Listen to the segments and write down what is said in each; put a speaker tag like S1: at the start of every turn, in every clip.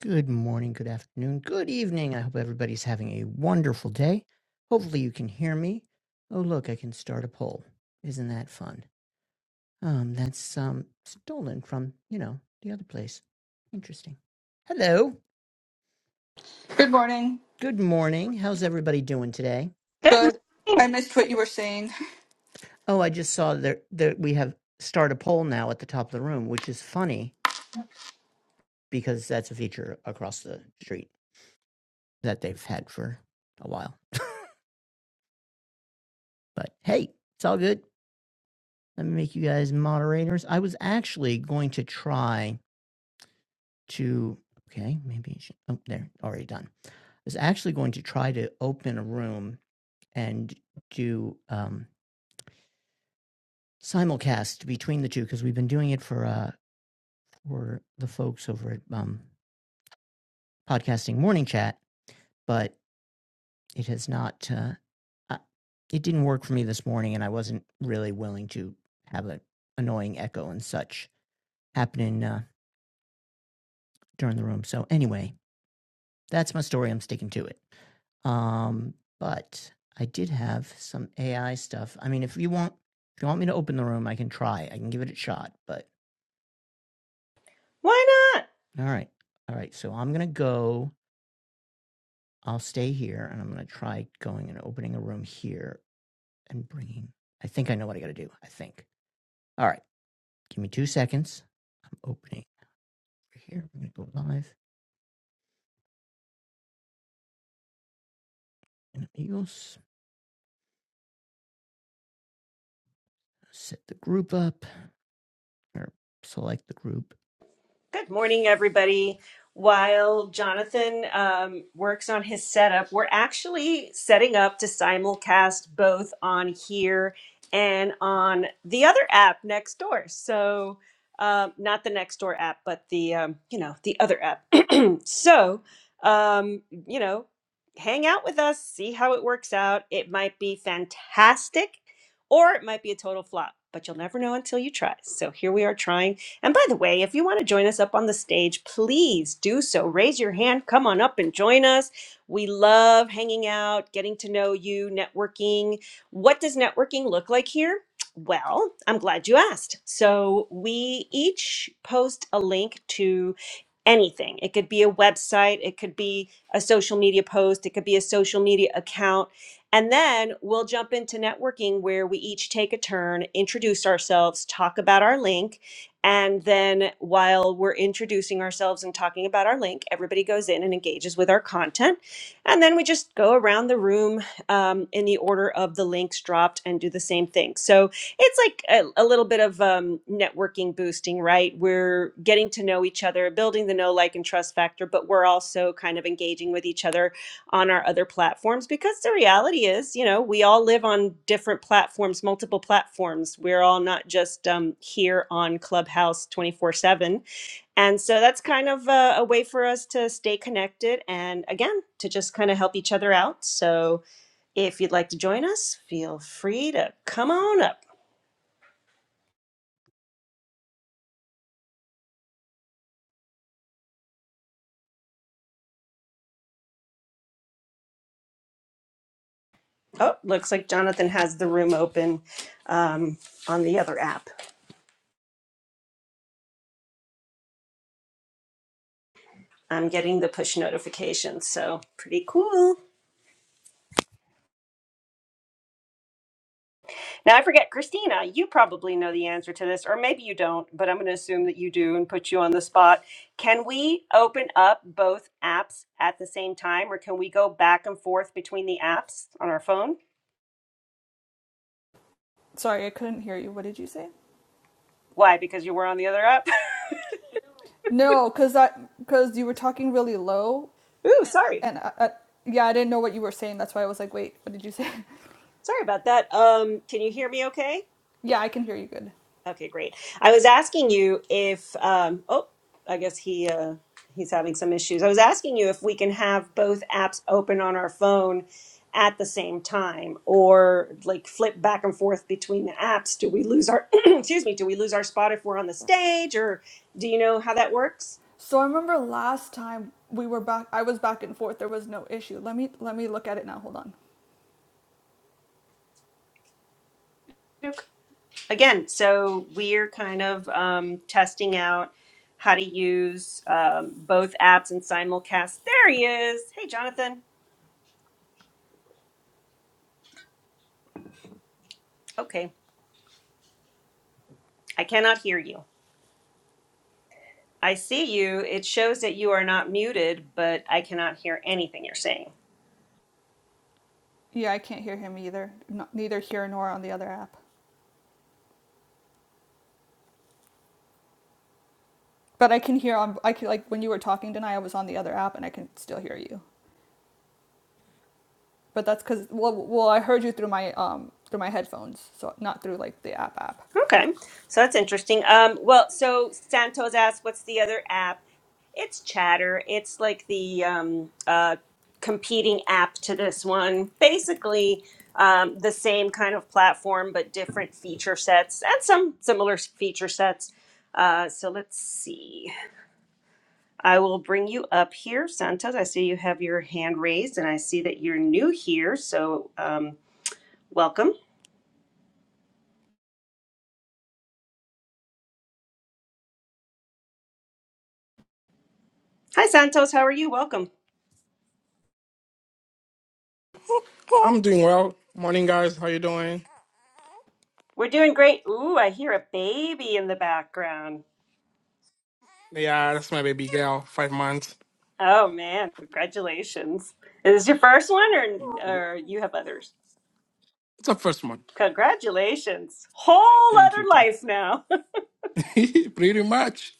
S1: Good morning, good afternoon, good evening. I hope everybody's having a wonderful day. Hopefully, you can hear me. Oh, look, I can start a poll. Isn't that fun? Um, that's um stolen from you know the other place. Interesting. Hello.
S2: Good morning.
S1: Good morning. How's everybody doing today?
S3: Good.
S2: Good. I missed what you were saying.
S1: Oh, I just saw that that we have start a poll now at the top of the room, which is funny because that's a feature across the street that they've had for a while. But hey, it's all good. Let me make you guys moderators. I was actually going to try to, okay, maybe, it should, oh, there, already done. I was actually going to try to open a room and do um, simulcast between the two because we've been doing it for uh, for the folks over at um, podcasting morning chat, but it has not. Uh, I- it didn't work for me this morning, and I wasn't really willing to have an annoying echo and such happen in uh, during the room. So anyway, that's my story. I'm sticking to it. Um, but I did have some AI stuff. I mean, if you want, if you want me to open the room, I can try. I can give it a shot. But
S3: Why not?
S1: all right, all right. So I'm gonna go. I'll stay here, and I'm gonna try going and opening a room here and bringing. I think I know what I gotta do. I think. All right, give me two seconds. I'm opening here. I'm gonna go live in Amigos. Set the group up or select the group.
S3: Good morning, everybody. While Jonathan um, works on his setup, we're actually setting up to simulcast both on here and on the other app next door. So, um, not the next door app, but the um, you know the other app so, um, you know, hang out with us, see how it works out. It might be fantastic or it might be a total flop, but you'll never know until you try. So here we are trying. And by the way, if you want to join us up on the stage, please do so. Raise your hand, come on up and join us. We love hanging out, getting to know you, networking. What does networking look like here? Well, I'm glad you asked. So, we each post a link to anything. It could be a website, it could be a social media post, it could be a social media account. And then we'll jump into networking where we each take a turn, introduce ourselves, talk about our link. And then while we're introducing ourselves and talking about our link, everybody goes in and engages with our content. And then we just go around the room um, in the order of the links dropped and do the same thing. So it's like a, a little bit of um, networking boosting, right? We're getting to know each other, building the know, like, and trust factor, but we're also kind of engaging with each other on our other platforms because the reality is, you know, we all live on different platforms, multiple platforms. We're all not just um, here on Clubhouse 24 7. And so that's kind of a, a way for us to stay connected and again, to just kind of help each other out. So if you'd like to join us, feel free to come on up. Oh, looks like Jonathan has the room open um, on the other app. I'm getting the push notifications, so pretty cool. Now I forget, Christina, you probably know the answer to this, or maybe you don't, but I'm going to assume that you do and put you on the spot. Can we open up both apps at the same time, or can we go back and forth between the apps on our phone?
S2: Sorry, I couldn't hear you. What did you say?
S3: Why? Because you were on the other app?
S2: No, cause that cause you were talking really low,
S3: Ooh, sorry.
S2: and I, I, yeah, I didn't know what you were saying. That's why I was like, wait, what did you say?
S3: Sorry about that. Um, can you hear me okay?
S2: yeah, I can hear you good.
S3: Okay, great. I was asking you if um oh, I guess he uh he's having some issues. I was asking you if we can have both apps open on our phone at the same time or like flip back and forth between the apps. Do we lose our excuse me, do we lose our spot if we're on the stage or do you know how that works?
S2: So I remember last time we were back. I was back and forth. There was no issue. Let me let me look at it now. Hold on.
S3: Again, so we're kind of um testing out how to use um, both apps and simulcast. There he is. Hey, Jonathan. Okay, I cannot hear you. I see you. It shows that you are not muted, but I cannot hear anything you're saying.
S2: Yeah, I can't hear him either. Not, neither here nor on the other app. But I can hear on. I can like when you were talking tonight. I was on the other app, and I can still hear you. But that's because well, well, I heard you through my um through my headphones, so not through like the app app.
S3: Okay, so that's interesting. Um, well, so Santos asked, "What's the other app?" It's Chatter. It's like the um, uh, competing app to this one. Basically, um, the same kind of platform, but different feature sets and some similar feature sets. Uh, so let's see. I will bring you up here. Santos, I see you have your hand raised and I see that you're new here. So, um, welcome. Hi, Santos. How are you? Welcome.
S4: I'm doing well. Morning, guys. How you doing?
S3: We're doing great. Ooh, I hear a baby in the background.
S4: Yeah, that's my baby girl. Five months.
S3: Oh, man. Congratulations. Is this your first one or,
S4: Thank you.
S3: or you have others?
S4: It's her first month.
S3: Congratulations. Whole
S4: Thank you.
S3: other life now.
S4: Pretty much.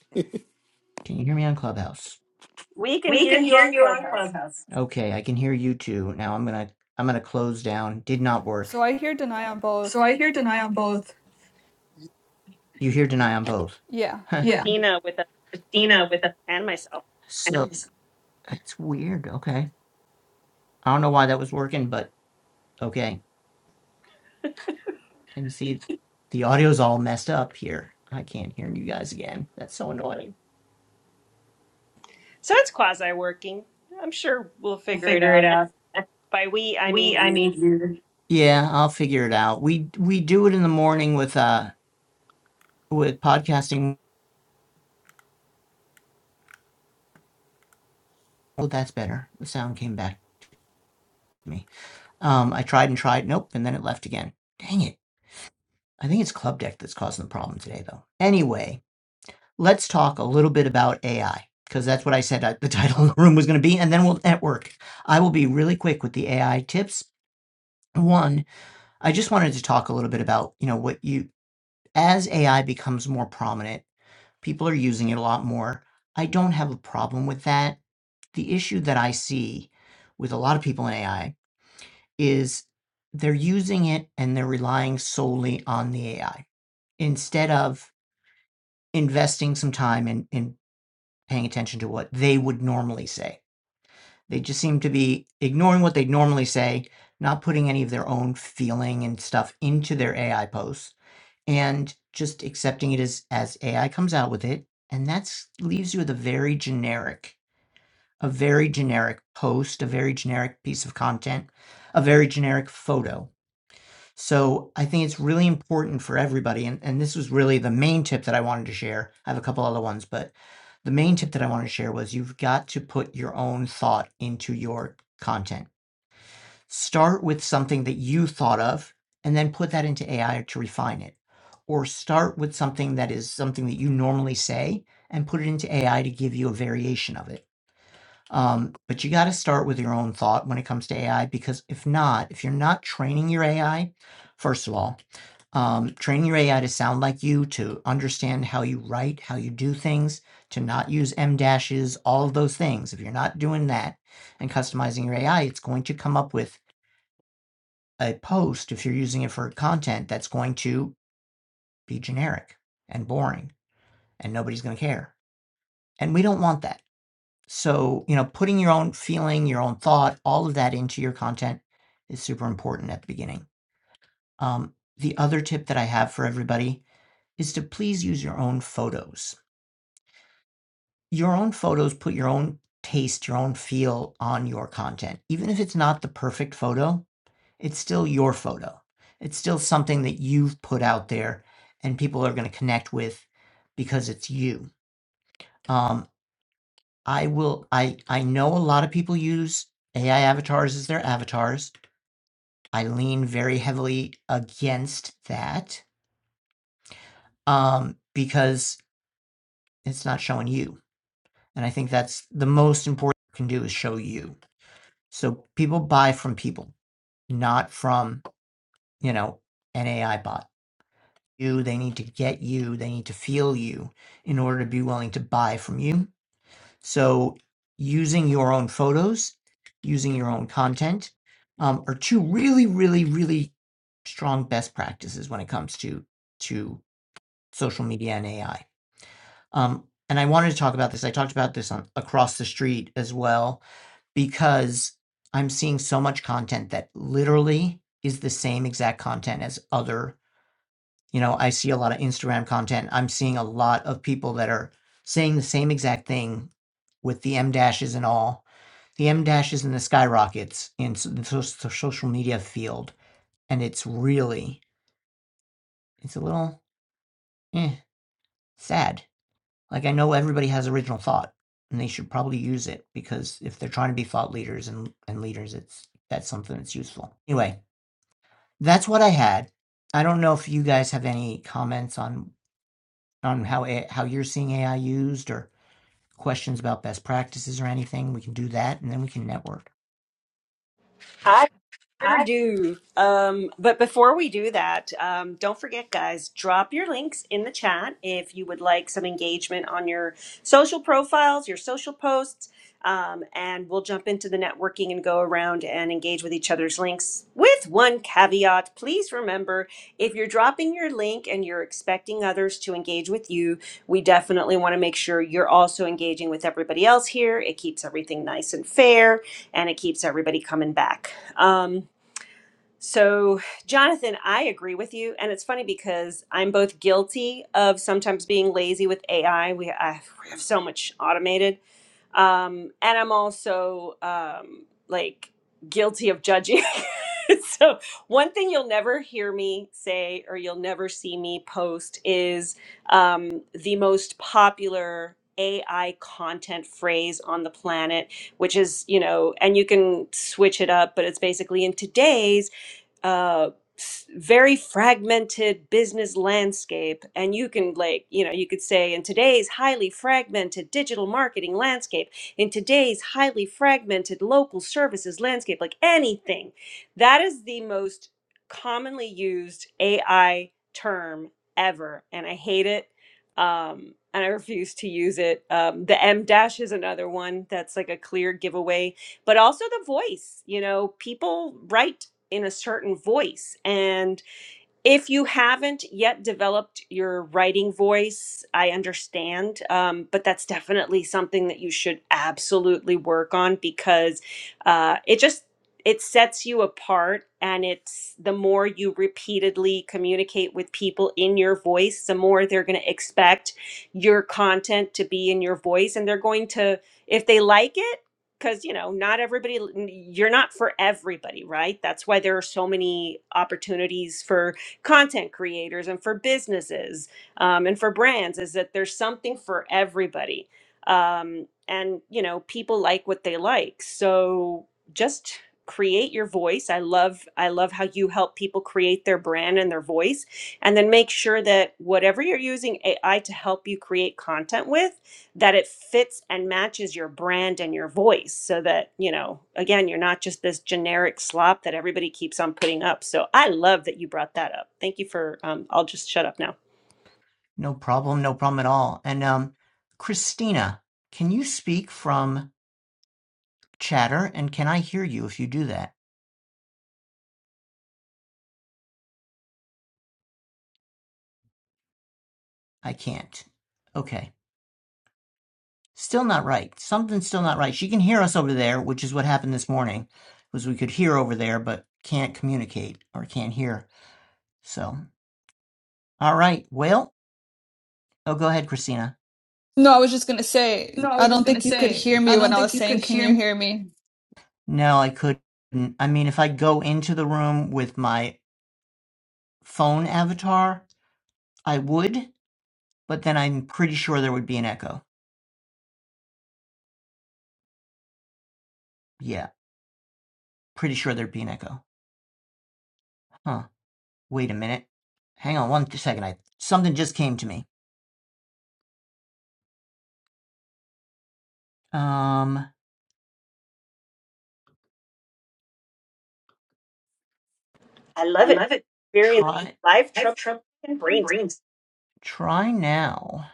S1: Can you hear me on Clubhouse?
S3: we can
S1: We can
S3: hear you
S1: hear
S3: on
S1: you on
S3: Clubhouse.
S1: Clubhouse. Okay, I can hear you too. Now I'm gonna I'm gonna close down. Did not work.
S2: So I hear deny on
S1: So
S2: both.
S1: I hear deny on both. You hear deny on both.
S2: Yeah.
S1: Yeah.
S3: Dina with us
S1: Christina with a
S3: and myself.
S1: so It's weird. Okay. I don't know why that was working, but okay. Can you see the audio's all messed up here. I can't hear you guys again. That's so annoying.
S3: So it's quasi working. I'm sure we'll
S1: We'll
S3: figure it
S1: figure it
S3: out. And
S1: out.
S3: by we, I mean
S1: We, I mean,
S3: you.
S1: you. Yeah, I'll figure it out. We we do it in the morning with uh with podcasting Oh, that's better. The sound came back to me. Um, I tried and tried, nope, and then it left again. Dang it. I think it's Club Deck that's causing the problem today, though. Anyway, let's talk a little bit about AI, because that's what I said uh, the title of the room was going to be, and then we'll network. I will be really quick with the AI tips. One, I just wanted to talk a little bit about, you know, what you, as AI becomes more prominent, people are using it a lot more. I don't have a problem with that. The issue that I see with a lot of people in AI is they're using it and they're relying solely on the AI instead of investing some time in, in paying attention to what they would normally say. They just seem to be ignoring what they'd normally say, not putting any of their own feeling and stuff into their AI posts, and just accepting it as, as AI comes out with it. And that leaves you with a very generic, a very generic post, a very generic piece of content, a very generic photo So I think it's really important for everybody, and, and this was really the main tip that I wanted to share. I have a couple other ones, but the main tip that I wanted to share was you've got to put your own thought into your content. Start with something that you thought of and then put that into AI to refine it. Or start with something that is something that you normally say and put it into AI to give you a variation of it um, but you got to start with your own thought when it comes to AI because if not, if you're not training your AI, first of all, um, training your AI to sound like you, to understand how you write, how you do things, to not use M dashes, all of those things. If you're not doing that and customizing your AI, it's going to come up with a post if you're using it for content that's going to be generic and boring and nobody's going to care. And we don't want that. So, you know, putting your own feeling, your own thought, all of that into your content is super important at the beginning. Um, the other tip that I have for everybody is to please use your own photos. Your own photos put your own taste, your own feel on your content. Even if it's not the perfect photo, it's still your photo. It's still something that you've put out there and people are going to connect with because it's you. Um, I will, I, I know a lot of people use AI avatars as their avatars. I lean very heavily against that um, because it's not showing you. And I think that's the most important thing you can do is show you. So people buy from people, not from, you know, an AI bot. You, they need to get you, they need to feel you in order to be willing to buy from you. So using your own photos, using your own content um, are two really, really, really strong best practices when it comes to to social media and AI. Um, and I wanted to talk about this. I talked about this on across the street as well because I'm seeing so much content that literally is the same exact content as other you know, I see a lot of Instagram content. I'm seeing a lot of people that are saying the same exact thing with the M dashes and all. The M dashes and the skyrockets in s- the so- so- social media field. And it's really, it's a little eh, sad. Like, I know everybody has original thought and they should probably use it because if they're trying to be thought leaders and, and leaders, it's that's something that's useful. Anyway, that's what I had. I don't know if you guys have any comments on on how how you're seeing AI used or questions about best practices or anything, we can do that and then we can network.
S3: I Sure
S1: I
S3: do. Um, but before we do that, um, don't forget, guys, drop your links in the chat if you would like some engagement on your social profiles, your social posts, um, and we'll jump into the networking and go around and engage with each other's links. With one caveat, please remember if you're dropping your link and you're expecting others to engage with you, we definitely want to make sure you're also engaging with everybody else here. It keeps everything nice and fair and it keeps everybody coming back. Um, so, Jonathan, I agree with you, and it's funny because I'm both guilty of sometimes being lazy with AI. We I, we have so much automated, um, and I'm also um, like guilty of judging. so, one thing you'll never hear me say or you'll never see me post is um, the most popular. AI content phrase on the planet, which is, you know, and you can switch it up, but it's basically in today's uh, s- very fragmented business landscape and you can like you know you could say in today's highly fragmented digital marketing landscape in today's highly fragmented local services landscape like anything that is the most commonly used ai term ever and i hate it um and i refuse to use it um the m dash is another one that's like a clear giveaway but also the voice you know people write in a certain voice and if you haven't yet developed your writing voice, I understand, um, but that's definitely something that you should absolutely work on because uh, it just it sets you apart and it's the more you repeatedly communicate with people in your voice the more they're going to expect your content to be in your voice and they're going to if they like it because you know not everybody you're not for everybody right that's why there are so many opportunities for content creators and for businesses um, and for brands is that there's something for everybody. Um, and, you know, people like what they like. So just create your voice. I love I love how you help people create their brand and their voice and then make sure that whatever you're using AI to help you create content with that it fits and matches your brand and your voice so that you know again you're not just this generic slop that everybody keeps on putting up so I love that you brought that up thank you for um, I'll just shut up now
S1: No problem, no problem at all. And um, Christina, can you speak from chatter and can I hear you if you do that? I can't. Okay. Still not right. Something's still not right. She can hear us over there, which is what happened this morning, was we could hear over there but can't communicate or can't hear. So, all right. Well, oh, go ahead, Christina.
S2: No, I was just gonna
S1: No,
S2: say
S1: I
S2: I
S1: was
S2: don't
S1: just gonna
S2: think you could
S1: say,
S2: hear me
S1: I
S2: when
S1: don't
S2: I was
S1: think you
S2: saying,
S1: could
S2: "Can
S1: hear
S2: you
S1: me.
S2: hear me?"
S1: No, I couldn't. I mean, if I go into the room with my phone avatar, I would, but then I'm pretty sure there would be an echo. Yeah, pretty sure there'd be an echo. Huh. Wait a minute. Hang on one second. I something just came to me. Um,
S3: I
S1: I
S3: love it.
S1: love it.
S3: Experience
S1: try
S3: live
S1: I've
S3: trouble
S1: trouble
S3: and
S1: in
S3: brains.
S1: brains. try now.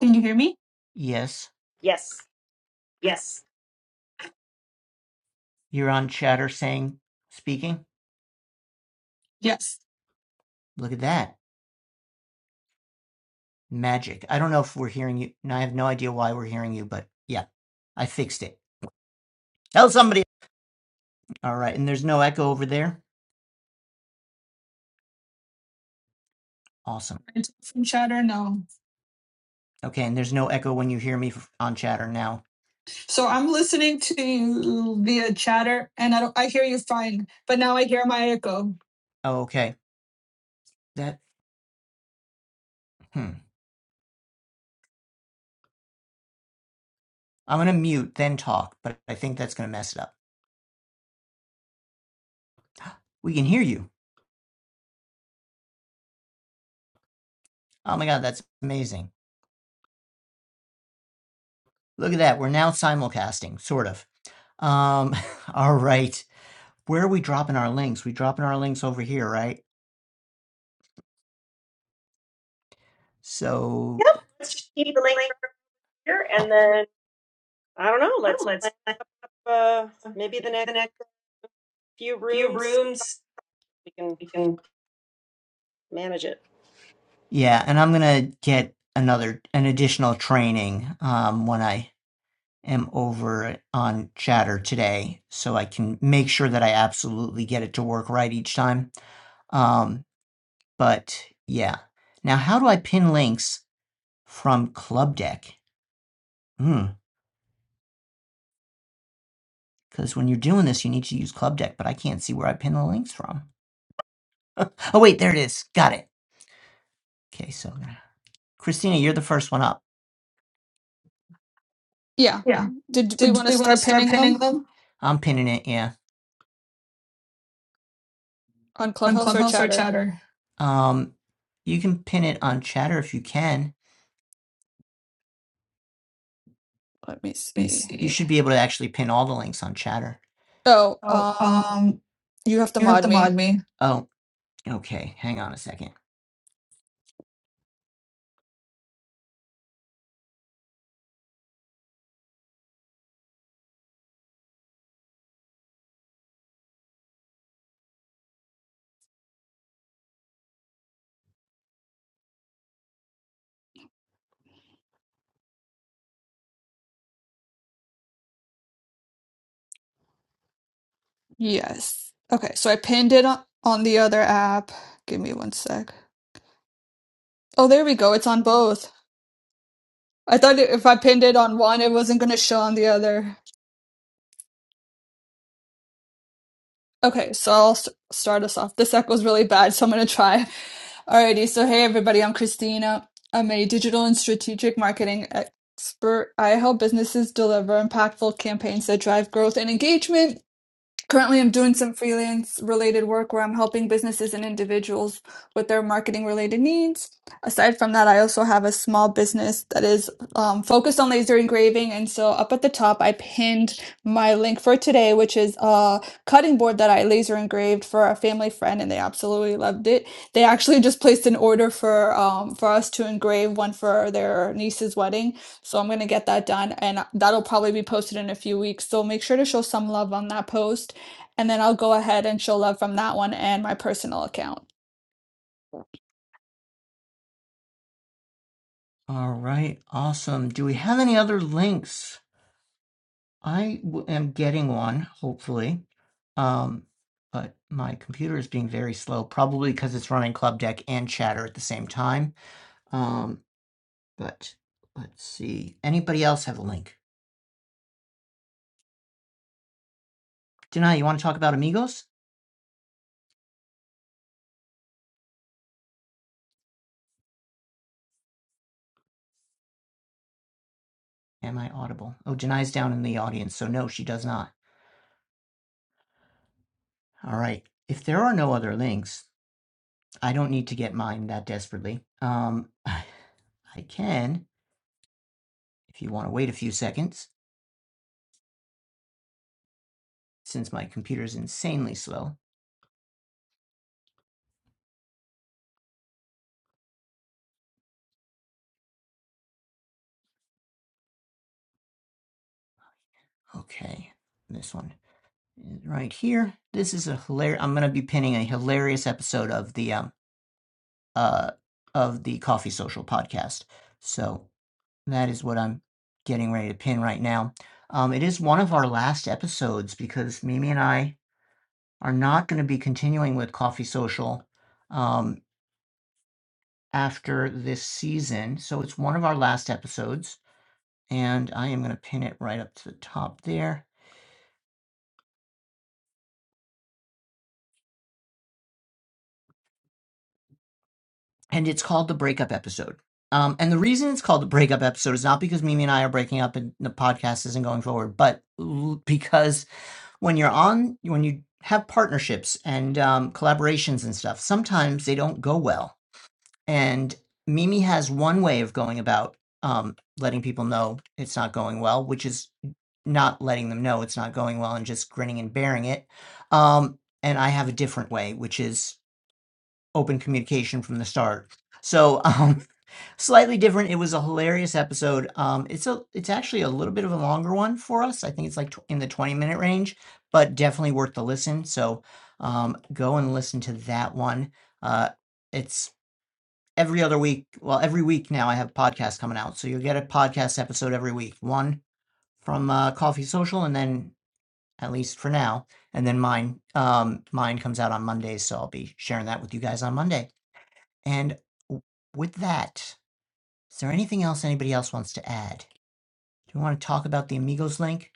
S1: Can you hear me? Yes,
S3: Yes.
S1: Yes. you're on chatter saying speaking. Yes. Look at that. Magic. I don't know if we're hearing you. And I have no idea why we're hearing you, but yeah, I fixed it. Tell somebody. All right. And there's no echo over there. Awesome. Right, From chatter, no. Okay. And there's no echo when you hear me f- on chatter now. So I'm listening to you via chatter, and I don't, I hear you fine, but now I hear my echo. Oh, okay. That, hmm. I'm going to mute, then talk, but I think that's going to mess it up. We can hear you. Oh my God. That's amazing. Look at that. We're now simulcasting, sort of. Um, all right. Where are we dropping our links? We dropping our links over here, right? So
S3: Yep. Let's just
S1: Let's
S3: keep
S1: keep
S3: the
S1: the
S3: link
S1: link
S3: right here, and
S1: around and then,
S3: then I don't know.
S1: I don't
S3: Let's
S1: know,
S3: plan
S1: let's,
S3: up uh, maybe the
S1: maybe
S3: next
S1: the next
S3: few
S1: few
S3: rooms.
S1: rooms,
S3: We can
S1: we can,
S3: manage it.
S1: Yeah, and I'm gonna get another an additional training um when I am over on Chatter today, so I can make sure that I absolutely get it to work right each time. Um, but yeah. Now, how do I pin links from Club Deck? Hmm. Because when you're doing this, you need to use Club Deck, but I can't see where I pin the links from. Oh, wait, there it is. Got it. Okay, so Christina, you're the first one up.
S2: Yeah.
S1: Yeah.
S2: Did we
S1: Did
S2: want to
S1: we want to
S2: start
S1: start
S2: pinning
S1: pinning
S2: them
S1: them I'm pinning it, yeah.
S2: on
S1: on
S2: Clubhouse or
S1: Clubhouse or
S2: Chatter?
S1: Chatter? Um, you can pin it on Chatter if you can.
S2: Let me
S1: Let me
S2: see.
S1: see. You should be able to actually pin all the links on Chatter.
S2: Oh,
S1: Oh,
S2: um,
S1: um,
S2: You have to
S1: you have
S2: mod
S1: to
S2: me.
S1: mod me. Oh, okay. Hang on a second.
S2: Yes. Okay, so I pinned it on, on the other app. Give me one sec. Oh, there we go. It's on both. I thought it, if I pinned it on one, it wasn't going to show on the other. Okay, so I'll st start us off. This echo's really bad, so I'm gonna try. Alrighty, so hey everybody, I'm Christina. I'm a digital and strategic marketing expert. I help businesses deliver impactful campaigns that drive growth and engagement. Currently, I'm doing some freelance related work where I'm helping businesses and individuals with their marketing related needs. Aside from that, I also have a small business that is um, focused on laser engraving. And so, up at the top, I pinned my link for today, which is a cutting board that I laser engraved for a family friend, and they absolutely loved it. They actually just placed an order for um, for us to engrave one for their niece's wedding. So I'm gonna get that done, and that'll probably be posted in a few weeks. So make sure to show some love on that post and then I'll go ahead and show love from that one and my personal account.
S1: All right, awesome. Do we have any other links? I w- am getting one, hopefully. Um, but my computer is being very slow, probably because it's running Club Deck and Chatter at the same time. Um, but let's see. Anybody else have a link? Denai, you want to talk about Amigos? Am I audible? Oh, Denai's down in the audience, so no, she does not. All right. If there are no other links, I don't need to get mine that desperately. Um, I can, if you want to wait a few seconds. since my computer is insanely slow. Okay, this one right here. This is a hilarious. I'm gonna be pinning a hilarious episode of the um uh of the Coffee Social podcast. So that is what I'm getting ready to pin right now. Um, it is one of our last episodes because Mimi and I are not going to be continuing with Coffee Social um, after this season. So it's one of our last episodes, and I am going to pin it right up to the top there. and it's called the breakup episode. Um, and the reason it's called the breakup episode is not because Mimi and I are breaking up and the podcast isn't going forward, but because when you're on, when you have partnerships and um, collaborations and stuff, sometimes they don't go well. And Mimi has one way of going about um, letting people know it's not going well, which is not letting them know it's not going well and just grinning and bearing it. Um, and I have a different way, which is open communication from the start. So, um, Slightly different. It was a hilarious episode. Um, it's a it's actually a little bit of a longer one for us. I think it's like tw- in the 20-minute range, but definitely worth the listen. So, um, go and listen to that one. Uh, it's every other week. Well, every week now I have podcasts coming out. So you'll get a podcast episode every week. One from uh, Coffee Social and then at least for now, and then mine um mine comes out on Mondays, so I'll be sharing that with you guys on Monday. And w- with that, is there anything else anybody else wants to add? Do we want to talk about the Amigos link?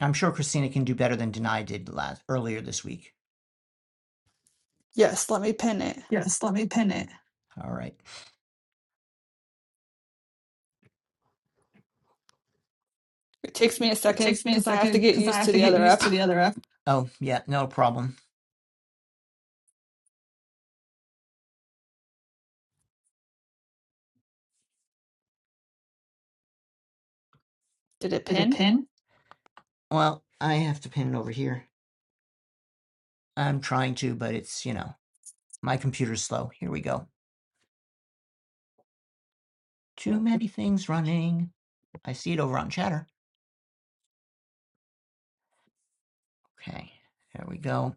S1: I'm sure Christina can do better than Denai did last earlier this week.
S2: Yes, let me pin it.
S1: Yes, let me pin it. All right.
S2: It takes me a
S1: It
S2: second
S1: takes me a
S2: because I have to
S1: second
S2: get
S1: because I
S2: used
S1: have
S2: to
S1: to
S2: the
S1: get
S2: other app.
S1: used to the other app. Oh, yeah, no problem.
S2: Did it
S1: Did it
S2: pin?
S1: pin? Well, I have to pin it over here. I'm trying to, but it's, you know, my computer's slow. Here we go. Too many things running. I see it over on chatter. Okay, there we go.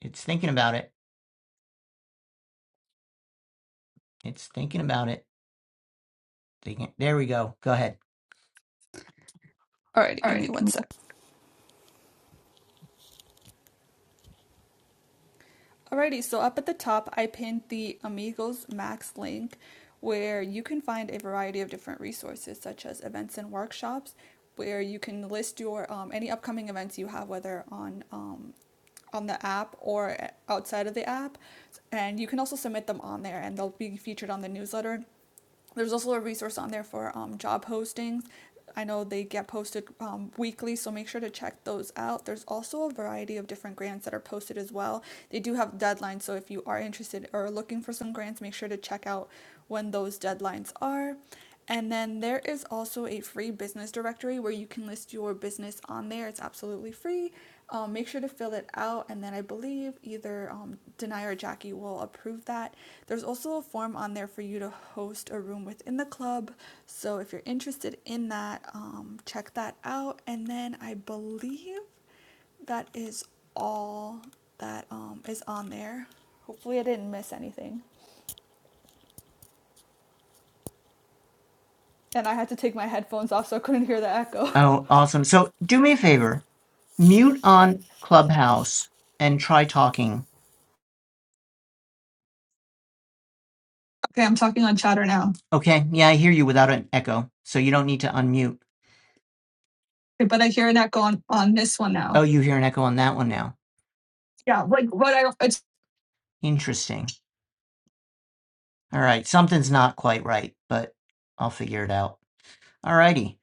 S1: It's thinking about it. It's thinking about it. Thinking. There we go. Go ahead.
S2: Alrighty,
S1: All
S2: give
S1: right.
S2: me
S1: give
S2: one
S1: me-
S2: sec. Alrighty, so up at the top, I pinned the Amigos Max link where you can find a variety of different resources such as events and workshops where you can list your um, any upcoming events you have whether on um, on the app or outside of the app and you can also submit them on there and they'll be featured on the newsletter there's also a resource on there for um, job postings. I know they get posted um, weekly, so make sure to check those out. There's also a variety of different grants that are posted as well. They do have deadlines, so if you are interested or looking for some grants, make sure to check out when those deadlines are. And then there is also a free business directory where you can list your business on there. It's absolutely free. Um, make sure to fill it out, and then I believe either um, Denai or Jackie will approve that. There's also a form on there for you to host a room within the club, so if you're interested in that, um, check that out. And then I believe that is all that um, is on there. Hopefully, I didn't miss anything. And I had to take my headphones off so I couldn't hear the echo.
S1: Oh, awesome. So do me a favor, mute on Clubhouse and try talking. Okay, I'm talking on chatter now. Okay. Yeah, I hear you without an echo. So you don't need to unmute. Okay, but I hear an echo on, on this one Oh, now. Oh, you hear an echo on that one now. Yeah, like what I it's Interesting. All right. Something's not quite right, but I'll figure it out. All righty.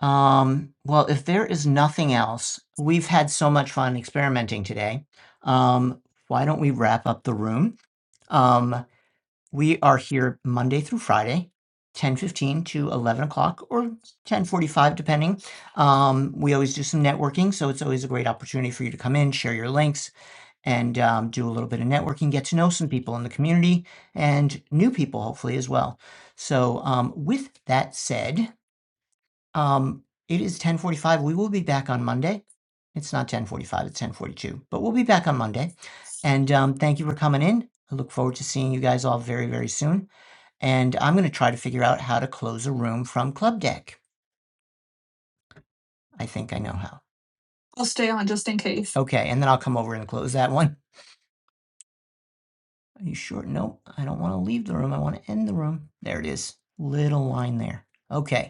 S1: Um, well, if there is nothing else, we've had so much fun experimenting today. Um, why don't we wrap up the room? Um, we are here Monday through Friday, 10:15 to 11 o'clock or 10:45, depending. Um, we always do some networking, so it's always a great opportunity for you to come in, share your links, and um, do a little bit of networking, get to know some people in the community and new people, hopefully, as well. So, um, with that said, um, it is ten forty-five. We will be back on Monday. It's not ten forty-five, it's ten forty-two, but we'll be back on Monday. And um, thank you for coming in. I look forward to seeing you guys all very, very soon. And I'm gonna try to figure out how to close a room from Club Deck. I think I know how. I'll stay on just in case. Okay, and then I'll come over and close that one. Are you sure? No, I don't want to leave the room. I want to end the room. There it is. Little line there. Okay.